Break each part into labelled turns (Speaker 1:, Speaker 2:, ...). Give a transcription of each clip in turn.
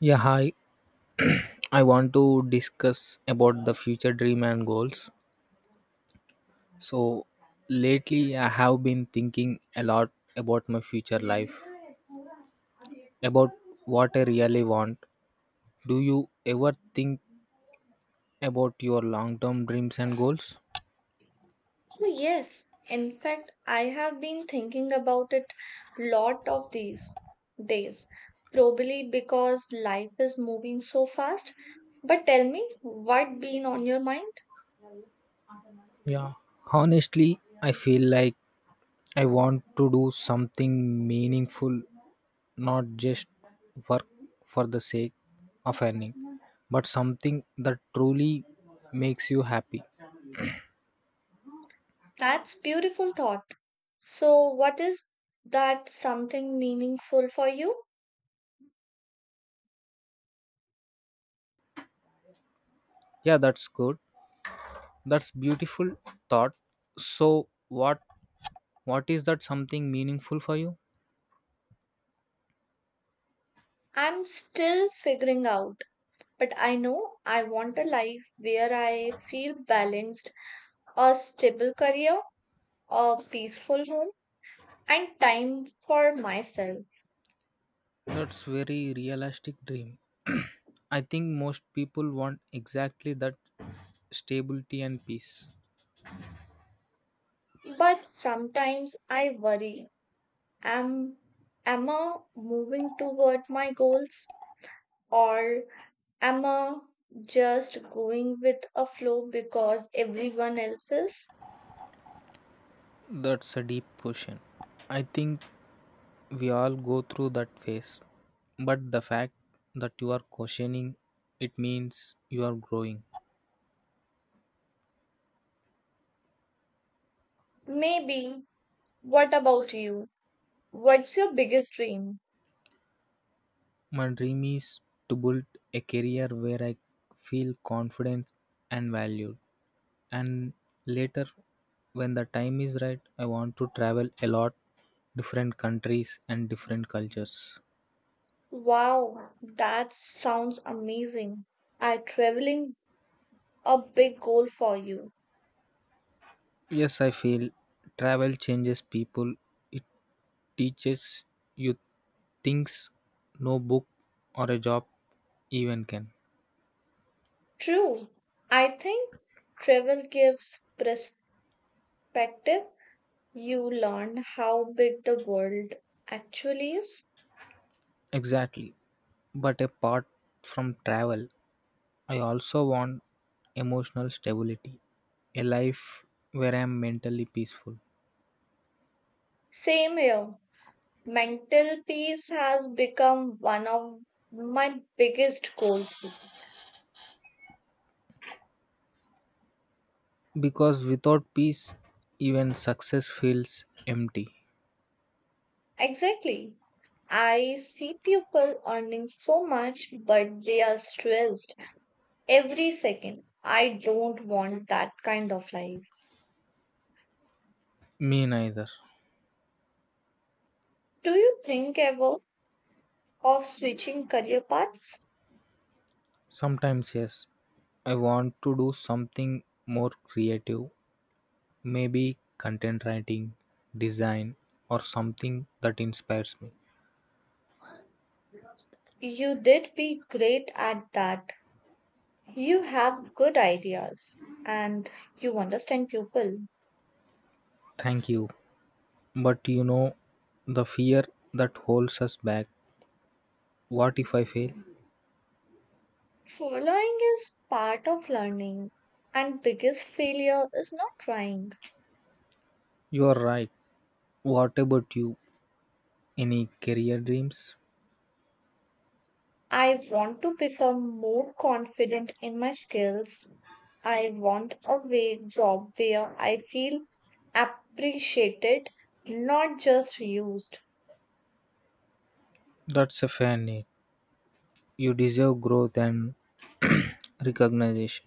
Speaker 1: Yeah, hi. I want to discuss about the future dream and goals. So, lately I have been thinking a lot about my future life, about what I really want. Do you ever think about your long-term dreams and goals?
Speaker 2: Oh, yes. In fact, I have been thinking about it lot of these days, probably because life is moving so fast. But tell me, what been on your mind?
Speaker 1: Yeah. Honestly, I feel like I want to do something meaningful, not just work for the sake of earning, but something that truly makes you happy.
Speaker 2: That's beautiful thought. So, what is that something meaningful for you?
Speaker 1: Yeah, that's good. That's beautiful thought. So what is that something meaningful for you?
Speaker 2: I'm still figuring out, but I know I want a life where I feel balanced, a stable career, a peaceful home, and time for myself.
Speaker 1: That's very realistic dream. I think most people want exactly that stability and peace.
Speaker 2: But sometimes I worry am, am I moving toward my goals or am I just going with a flow because everyone else is?
Speaker 1: That's a deep question. I think we all go through that phase. But the fact that you are questioning it means you are growing.
Speaker 2: Maybe. What about you? What's your biggest dream?
Speaker 1: My dream is to build a career where I feel confident and valued, and later when the time is right, I want to travel a lot, different countries and different cultures.
Speaker 2: Wow, that sounds amazing. Are traveling a big goal for you?
Speaker 1: Yes, I feel travel changes people. It teaches you things no book or a job even can.
Speaker 2: True. I think travel gives perspective you learn how big the world actually is.
Speaker 1: Exactly, but apart from travel I also want emotional stability, a life where I am mentally peaceful.
Speaker 2: Same here. Mental peace has become one of my biggest goals.
Speaker 1: Because without peace, even success feels empty.
Speaker 2: Exactly. I see people earning so much, but they are stressed every second. I don't want that kind of life.
Speaker 1: Me neither.
Speaker 2: Do you think ever of switching career paths?
Speaker 1: Sometimes, yes, I want to do something more creative, maybe content writing, design, or something that inspires me.
Speaker 2: You did be great at that. You have good ideas and you understand people.
Speaker 1: Thank you. But you know, the fear that holds us back. What if I fail?
Speaker 2: Following is part of learning, and biggest failure is not trying.
Speaker 1: You are right. What about you? Any career dreams?
Speaker 2: I want to become more confident in my skills. I want a way job where I feel appreciated, not just used.
Speaker 1: That's a fair need. You deserve growth and recognition.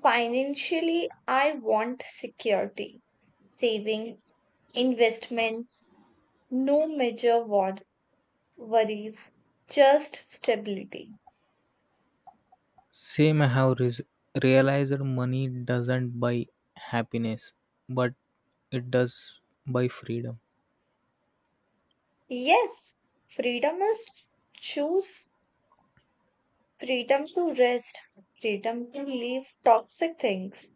Speaker 2: Financially, I want security, savings, investments, no major war worries, just stability.
Speaker 1: Same, realized money doesn't buy happiness, but it does buy freedom.
Speaker 2: Yes, freedom is choose freedom to rest, freedom to leave toxic things.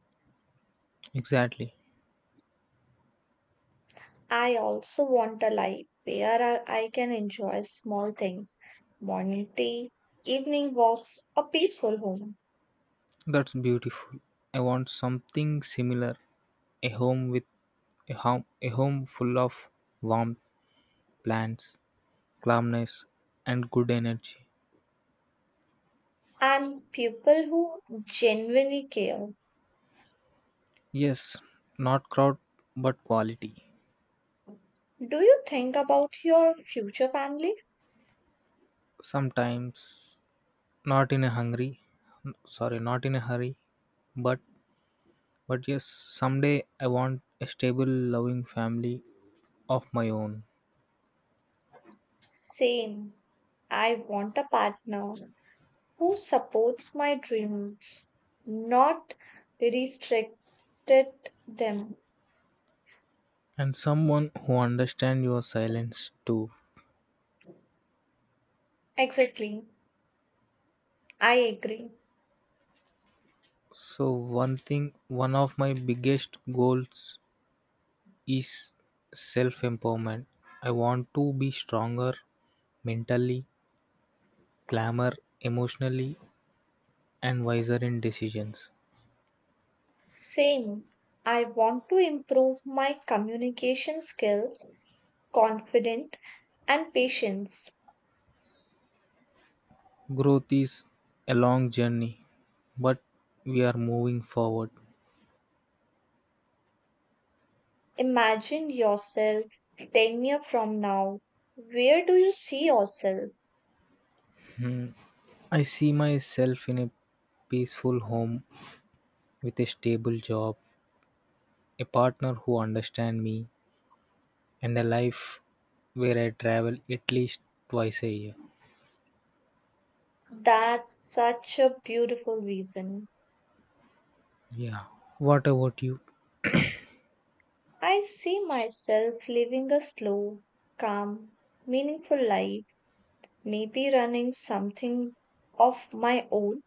Speaker 1: Exactly.
Speaker 2: I also want a life where I can enjoy small things, morning tea, evening walks, a peaceful home,
Speaker 1: That's beautiful. I want something similar. A home with a home, A home full of warm plants, calmness, and good energy.
Speaker 2: and people who genuinely care.
Speaker 1: Yes, not crowd, but quality.
Speaker 2: Do you think about your future family?
Speaker 1: Sometimes not in a hungry, sorry, not in a hurry, but But yes, someday I want a stable, loving family of my own
Speaker 2: Same. I want a partner who supports my dreams, not restricted them.
Speaker 1: and someone who understands your silence too.
Speaker 2: Exactly. I agree.
Speaker 1: So one thing, one of my biggest goals is self-empowerment. I want to be stronger mentally, clamor emotionally, and wiser in decisions.
Speaker 2: Same. I want to improve my communication skills, confident and patience.
Speaker 1: Growth is a long journey, but we are moving forward.
Speaker 2: Imagine yourself 10 years from now. Where do you see yourself?
Speaker 1: I see myself in a peaceful home with a stable job, a partner who understands me, and a life where I travel at least twice a year.
Speaker 2: That's such a beautiful reason.
Speaker 1: Yeah. What about you?
Speaker 2: I see myself living a slow, calm, meaningful life maybe running something of my own,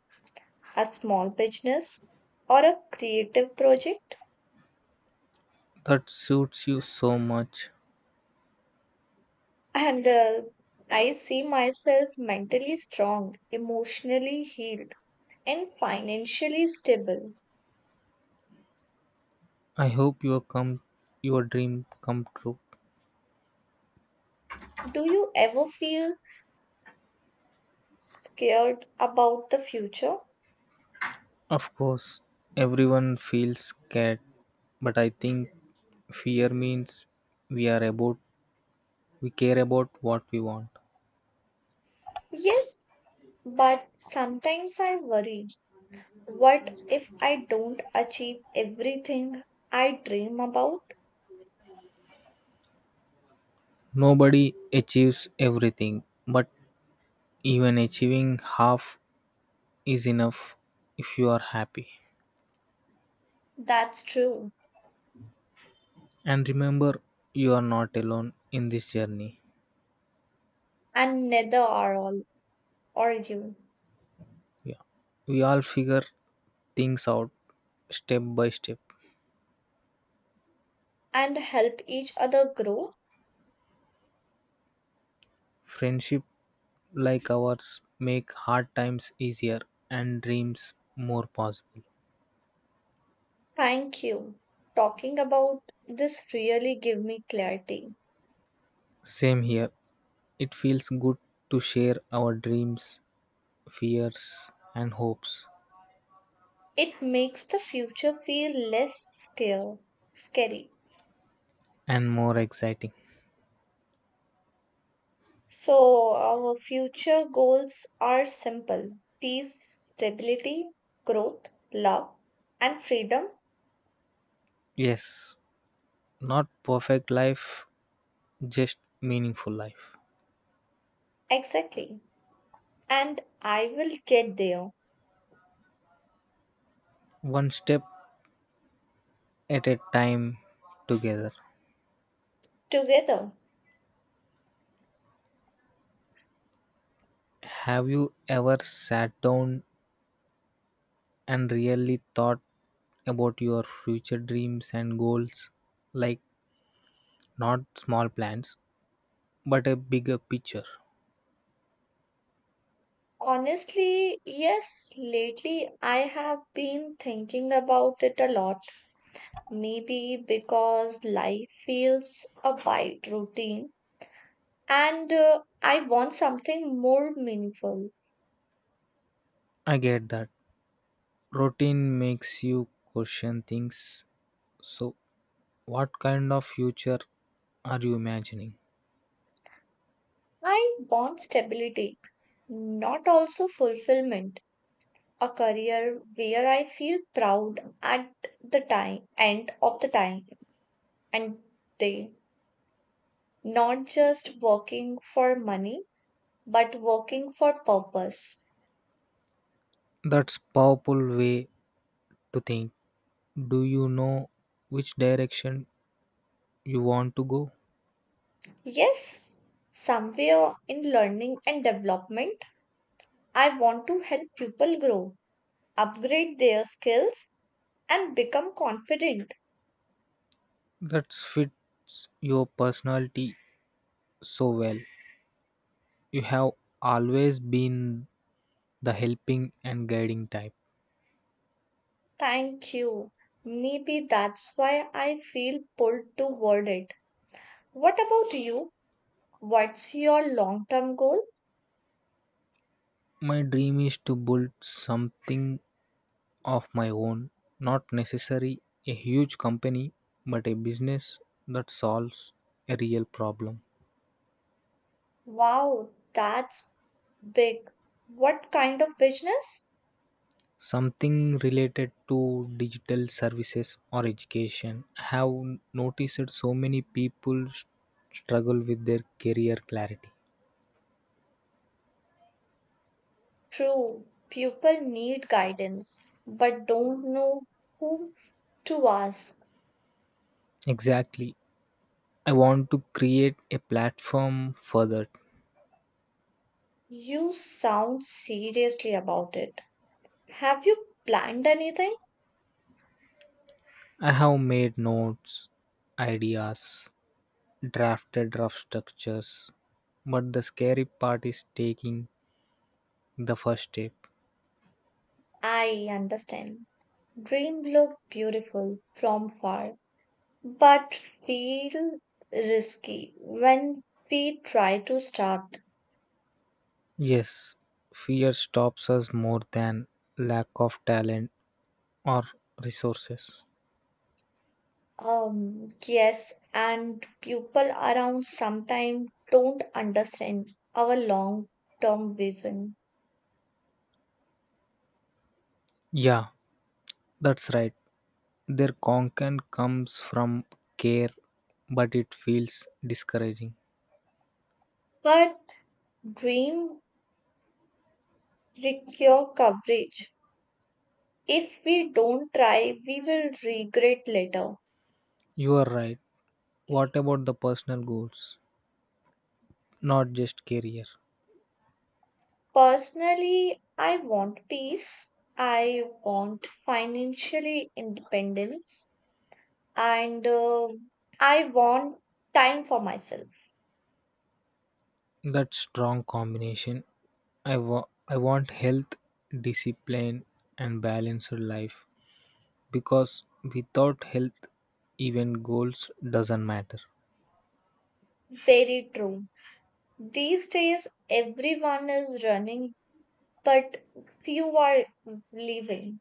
Speaker 2: a small business or a creative project.
Speaker 1: That suits you so much.
Speaker 2: And I see myself mentally strong, emotionally healed, and financially stable.
Speaker 1: I hope your dream come true.
Speaker 2: Do you ever feel scared about the future?
Speaker 1: Of course, everyone feels scared, but I think fear means we are about we care about what we want.
Speaker 2: Yes, but sometimes I worry. What if I don't achieve everything I dream about?
Speaker 1: Nobody achieves everything, but even achieving half is enough if you are happy.
Speaker 2: That's true.
Speaker 1: And remember, you are not alone in this journey.
Speaker 2: And neither are all. Or you
Speaker 1: Yeah. We all figure things out step by step.
Speaker 2: and help each other grow.
Speaker 1: Friendship like ours make hard times easier and dreams more possible.
Speaker 2: Thank you. Talking about this really give me clarity.
Speaker 1: Same here. It feels good to share our dreams, fears, and hopes,
Speaker 2: It makes the future feel scary.
Speaker 1: and more exciting.
Speaker 2: So our future goals are simple. Peace, stability, growth, love and freedom.
Speaker 1: Yes, not perfect life, just meaningful life.
Speaker 2: Exactly. And I will get there
Speaker 1: One step at a time together.
Speaker 2: together.
Speaker 1: Have you ever sat down and really thought about your future dreams and goals? Like, not small plans, but a bigger picture.
Speaker 2: Honestly, yes, lately I have been thinking about it a lot. Maybe because life feels a bit routine and I want something more meaningful.
Speaker 1: I get that. Routine makes you question things. So, what kind of future are you imagining?
Speaker 2: I want stability, not also fulfillment. A career where I feel proud at end of the time and day. Not just working for money, but working for purpose.
Speaker 1: That's powerful way to think. Do you know which direction you want to go?
Speaker 2: Yes, somewhere in learning and development, I want to help people grow upgrade their skills, and become confident.
Speaker 1: That fits your personality so well. You have always been the helping and guiding type.
Speaker 2: Thank you. Maybe that's why I feel pulled toward it. What about you? What's your long term goal?
Speaker 1: My dream is to build something of my own, not necessary a huge company, but a business that solves a real problem.
Speaker 2: Wow, that's big. What kind of business?
Speaker 1: Something related to digital services or education. I have noticed so many struggle with their career clarity.
Speaker 2: True, people need guidance, but don't know whom to ask.
Speaker 1: Exactly. I want to create a platform for that.
Speaker 2: You sound seriously about it. Have you planned anything?
Speaker 1: I have made notes, ideas, drafted rough structures, but the scary part is taking the first step.
Speaker 2: I understand. Dream look beautiful from far, but feel risky when we try to start.
Speaker 1: Yes, fear stops us more than lack of talent or resources.
Speaker 2: Yes, and people around sometimes don't understand our long term vision.
Speaker 1: Yeah, that's right. Their content comes from care, but it feels discouraging.
Speaker 2: But dream require coverage. If we don't try, we will regret later.
Speaker 1: You are right. What about the personal goals? Not just career.
Speaker 2: Personally, I want peace. I want financially independence. And I want time for myself.
Speaker 1: That strong combination. I want health, discipline, and balanced life, because without health, even goals doesn't matter.
Speaker 2: Very true. These days, everyone is running, but few are living.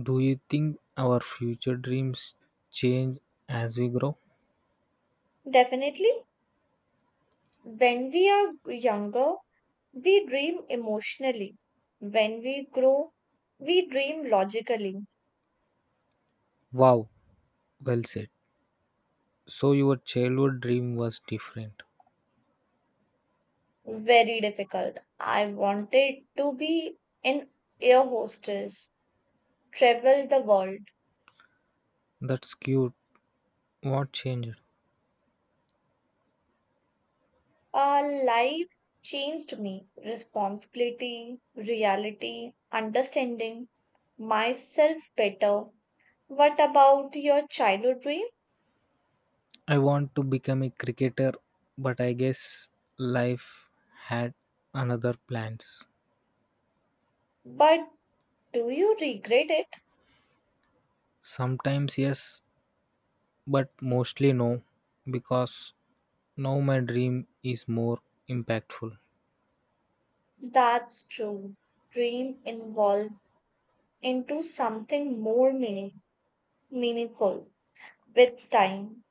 Speaker 1: Do you think our future dreams change as we grow?
Speaker 2: Definitely, when we are younger, we dream emotionally. When we grow, we dream logically.
Speaker 1: Wow, well said. So your childhood dream was different.
Speaker 2: Very difficult. I wanted to be an air hostess, travel the world.
Speaker 1: That's cute. What changed?
Speaker 2: Our life changed me. Responsibility, reality, understanding myself better. What about your childhood dream?
Speaker 1: I want to become a cricketer, but I guess life had another plans.
Speaker 2: But do you regret it?
Speaker 1: Sometimes yes, but mostly no, because now my dream is more impactful.
Speaker 2: That's true. Dream evolved into something meaningful with time.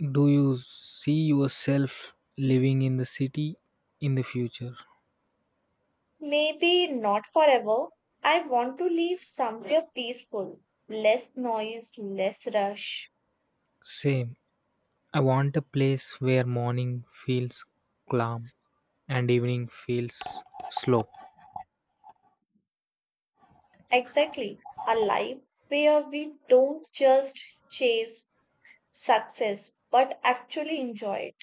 Speaker 1: Do you see yourself living in the city in the future?
Speaker 2: Maybe not forever. I want to leave somewhere peaceful, less noise, less rush.
Speaker 1: Same. I want a place where morning feels calm and evening feels slow.
Speaker 2: Exactly. A life where we don't just chase success but actually enjoy it.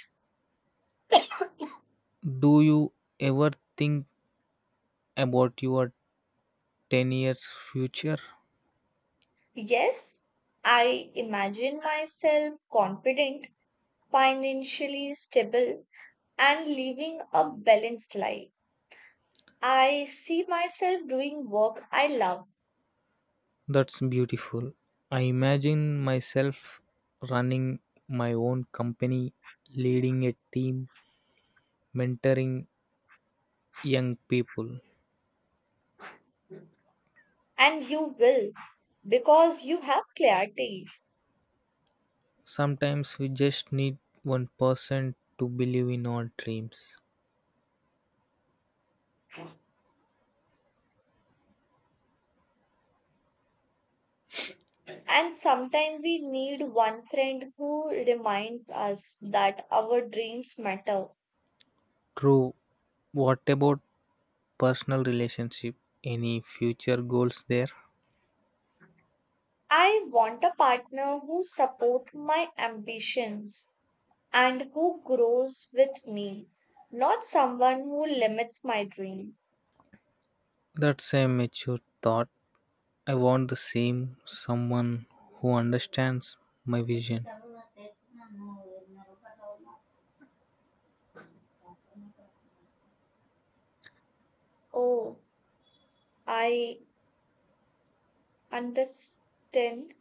Speaker 1: Do you ever think about your 10 years future?
Speaker 2: Yes, I imagine myself confident, financially stable, and living a balanced life. I see myself doing work I love,
Speaker 1: That's beautiful. I imagine myself running my own company, leading a team, mentoring young people.
Speaker 2: and you will because you have clarity.
Speaker 1: Sometimes we just need one person to believe in our dreams.
Speaker 2: And sometimes we need one friend who reminds us that our dreams matter.
Speaker 1: True. What about personal relationship? Any future goals there?
Speaker 2: I want a partner who support my ambitions and who grows with me, not someone who limits my dream.
Speaker 1: That's a mature thought. I want the same someone who understands my vision.
Speaker 2: Oh, I understand.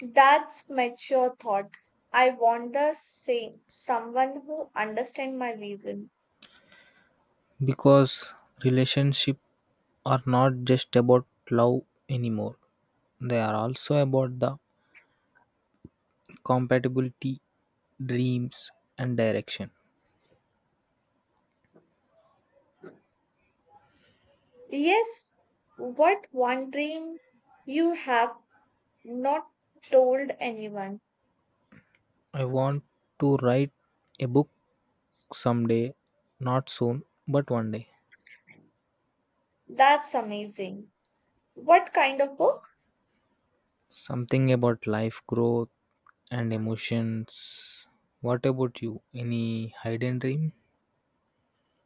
Speaker 2: That's mature thought. I want the same someone who understand my vision.
Speaker 1: Because relationships are not just about love anymore, they are also about the compatibility, dreams, and direction.
Speaker 2: Yes, what one dream you have not told anyone.
Speaker 1: I want to write a book someday, not soon, but one day.
Speaker 2: That's amazing. What kind of book?
Speaker 1: Something about life growth and emotions. What about you? Any hidden dream?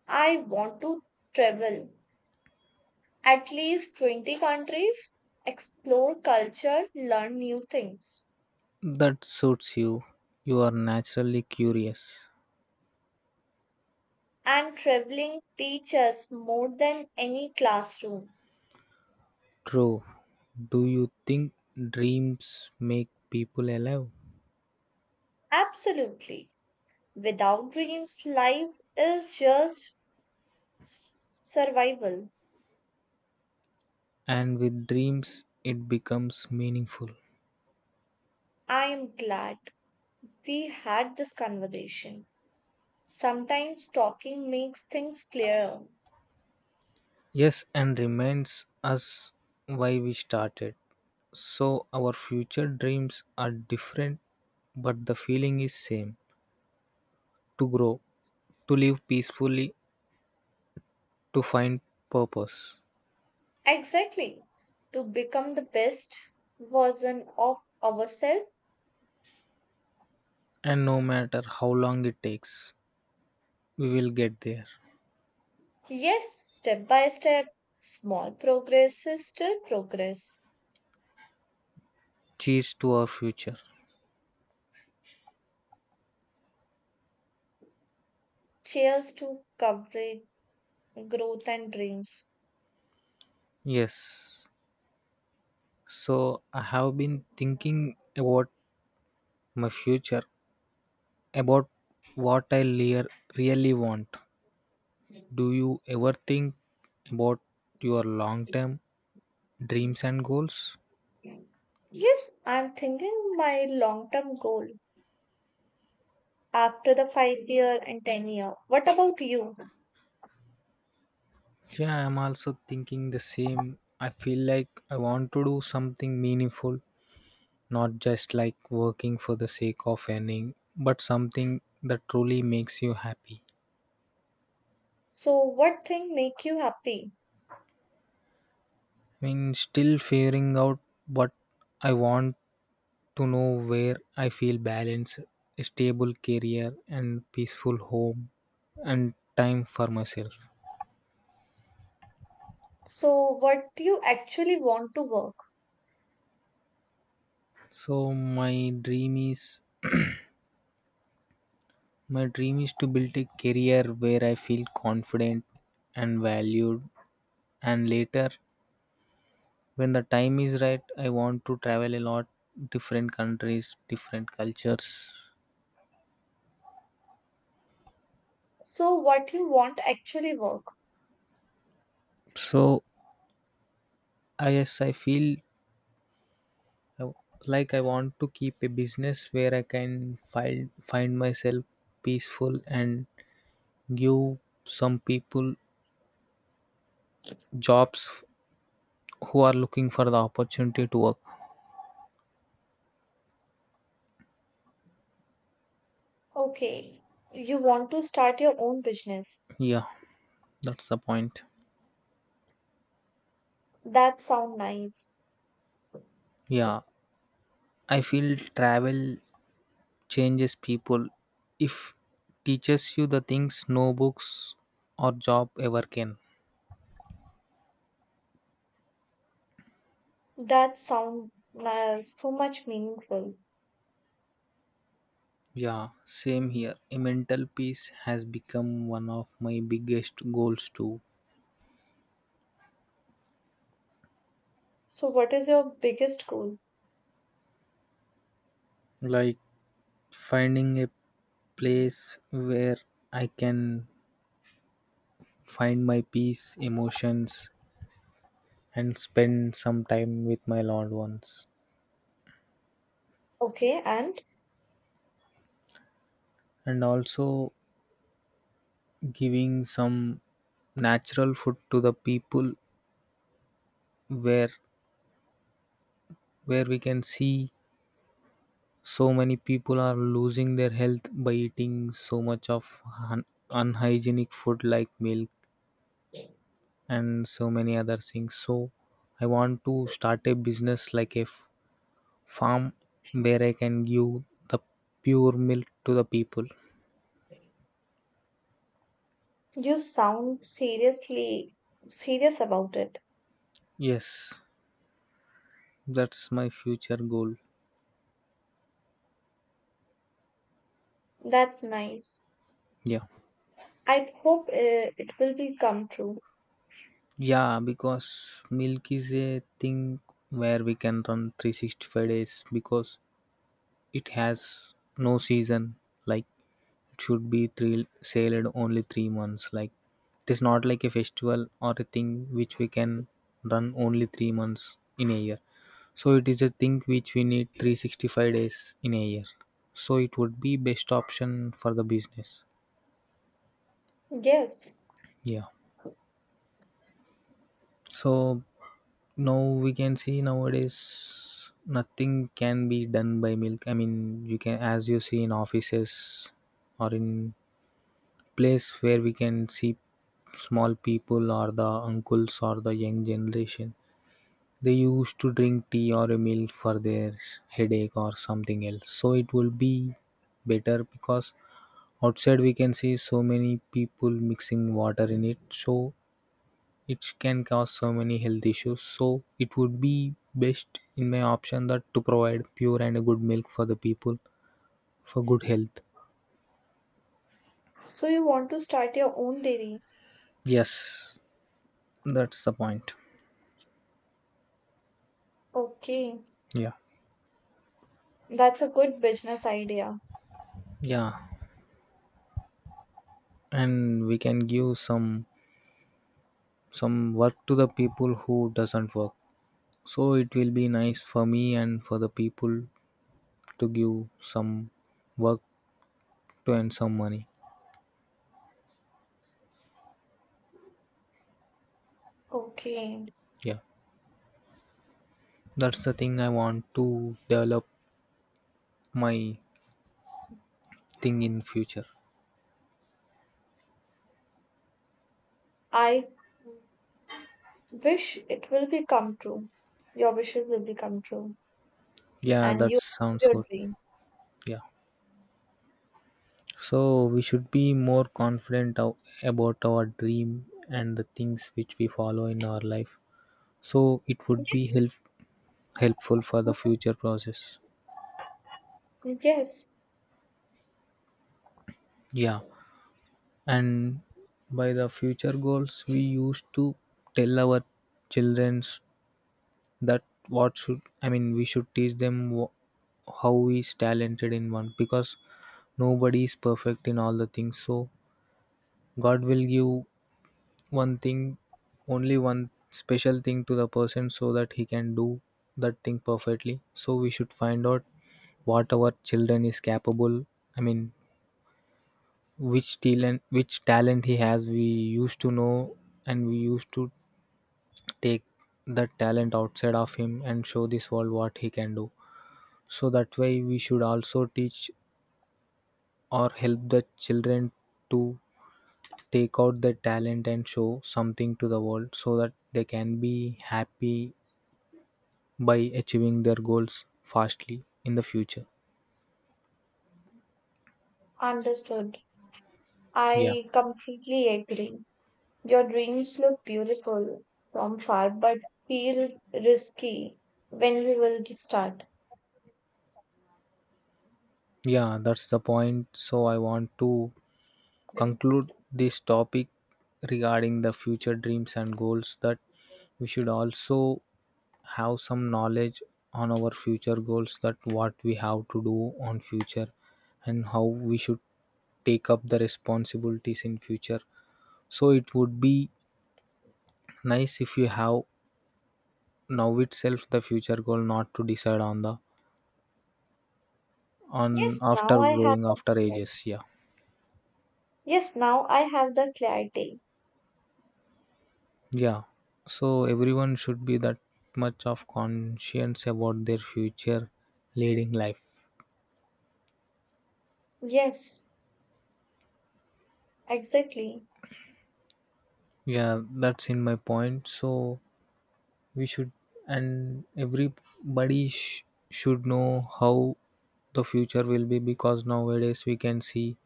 Speaker 2: I want to travel at least 20 countries, explore culture, learn new things.
Speaker 1: That suits you. You are naturally curious.
Speaker 2: And traveling teaches more than any classroom.
Speaker 1: True. Do you think dreams make people alive?
Speaker 2: Absolutely. Without dreams, life is just survival.
Speaker 1: And with dreams, it becomes meaningful.
Speaker 2: I am glad we had this conversation. Sometimes talking makes things clearer.
Speaker 1: Yes, and reminds us why we started. So our future dreams are different, but the feeling is same. To grow, to live peacefully, to find purpose.
Speaker 2: Exactly. To become the best version of ourselves.
Speaker 1: And no matter how long it takes, we will get there.
Speaker 2: Yes, step by step, small progress is still progress.
Speaker 1: Cheers to our future.
Speaker 2: Cheers to coverage, growth, and dreams.
Speaker 1: Yes. So I have been thinking about my future, about what really want. Do you ever think about your long term dreams and goals?
Speaker 2: Yes, I'm thinking my long term goal after the 5 year and 10 year. What about you?
Speaker 1: Yeah, I'm also thinking the same. I feel like I want to do something meaningful, not just like working for the sake of earning, but something that truly makes you happy.
Speaker 2: So, what thing make you happy?
Speaker 1: I mean, still figuring out what I want, to know where I feel balanced, a stable career, and peaceful home, and time for myself.
Speaker 2: So, what you actually want to work?
Speaker 1: So my dream is to build a career where I feel confident and valued, and later when the time is right I want to travel a lot, different countries, different cultures.
Speaker 2: So, what you want actually work?
Speaker 1: So I, yes, I feel I- like I want to keep a business where I can find myself peaceful and give some people jobs who are looking for the opportunity to work.
Speaker 2: Okay, you want to start your own business.
Speaker 1: Yeah, that's the point.
Speaker 2: That sound nice.
Speaker 1: Yeah, I feel travel changes people. If teaches you the things no books or job ever can.
Speaker 2: That sounds so much meaningful.
Speaker 1: Yeah, same here. A mental peace has become one of my biggest goals too.
Speaker 2: So what is your biggest goal?
Speaker 1: Like finding a place where I can find my peace, emotions, and spend some time with my loved ones.
Speaker 2: Okay, and
Speaker 1: And also giving some natural food to the people, where we can see so many people are losing their health by eating so much of unhygienic food like milk and so many other things. So I want to start a business like farm where I can give the pure milk to the people.
Speaker 2: you sound serious about it.
Speaker 1: Yes, that's my future goal.
Speaker 2: That's nice.
Speaker 1: Yeah.
Speaker 2: I hope it will be come true.
Speaker 1: Yeah, because milk is a thing where we can run 365 days because it has no season. Like it should be three sailed only 3 months. Like it is not like a festival or a thing which we can run only 3 months in a year. So it is a thing which we need 365 days in a year, so it would be best option for the business.
Speaker 2: Yes.
Speaker 1: Yeah. So now we can see, nowadays nothing can be done by milk, I mean, you can, as you see in offices or in place where we can see small people or the uncles or the young generation, they used to drink tea or a milk for their headache or something else. So it will be better because outside we can see so many people mixing water in it, so it can cause so many health issues. So it would be best in my option that to provide pure and a good milk for the people for good health.
Speaker 2: So you want to start your own dairy.
Speaker 1: Yes, that's the point.
Speaker 2: Okay.
Speaker 1: Yeah.
Speaker 2: That's a good business idea.
Speaker 1: Yeah, and we can give some work to the people who doesn't work, so it will be nice for me and for the people to give some work to earn some money.
Speaker 2: Okay.
Speaker 1: Yeah, that's the thing I want to develop my thing in future.
Speaker 2: I wish it will be come true. Your wishes will become true
Speaker 1: Yeah,
Speaker 2: and
Speaker 1: that
Speaker 2: you achieve
Speaker 1: sounds
Speaker 2: your
Speaker 1: good.
Speaker 2: dream.
Speaker 1: Yeah, so we should be more about our dream and the things which we follow in our life, so it would be
Speaker 2: Yes.
Speaker 1: helpful for the future process.
Speaker 2: Yes,
Speaker 1: Yeah, and by the future goals we used to tell our childrens that what should, I mean we should teach them how is talented in one, because nobody is perfect in all the things. So god will give one thing, only one special thing to the person, so that he can do that thing perfectly. So we should find out what our children is capable, I mean which talent he has we used to know, and we used to take the talent outside of him and show this world what he can do. So that way we should also teach or help the children to take out their talent and show something to the world, so that they can be happy by achieving their goals fastly in the future.
Speaker 2: understood.
Speaker 1: Yeah.
Speaker 2: I completely agree. Your dreams look beautiful from far, but feel risky when we will start.
Speaker 1: Yeah, that's the point. So I want to conclude this topic regarding the future dreams and goals, that we should also have some knowledge on our future goals, that what we have to do on future and how we should take up the responsibilities in future. So it would be nice if you have now itself the future goal, not to decide on the on
Speaker 2: Yes, now
Speaker 1: after
Speaker 2: I have
Speaker 1: growing
Speaker 2: the
Speaker 1: after
Speaker 2: clarity.
Speaker 1: ages. Yeah.
Speaker 2: Yes, now I have the clarity.
Speaker 1: Yeah, so everyone should be that much of conscience about their future leading life.
Speaker 2: Yes, exactly.
Speaker 1: Yeah, that's in my point. So we should, and should know how the future will be, because nowadays we can see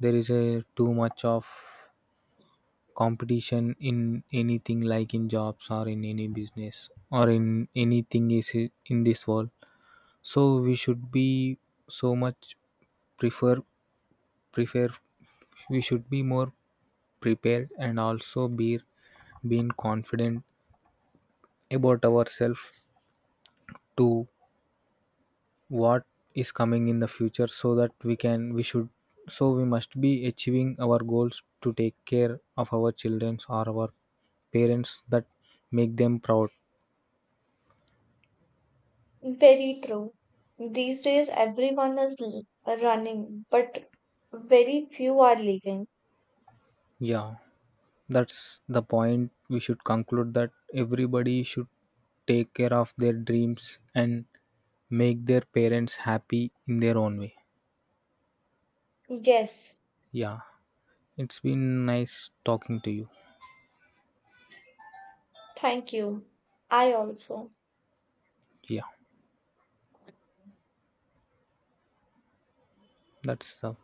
Speaker 1: there is a too much of competition in anything, like in jobs or in any business or in anything is in this world. So we should be so much prefer prefer, we should be more prepared and also be being confident about ourselves to what is coming in the future. So that we should, so we must be achieving our goals to take care of our children or our parents, that make them proud.
Speaker 2: Very true. These days, everyone is running, but very few are leaving.
Speaker 1: Yeah, that's the point. We should conclude that everybody should take care of their dreams and make their parents happy in their own way.
Speaker 2: Yes,
Speaker 1: Yeah, it's been nice talking to you.
Speaker 2: thank you. I also.
Speaker 1: Yeah, that's the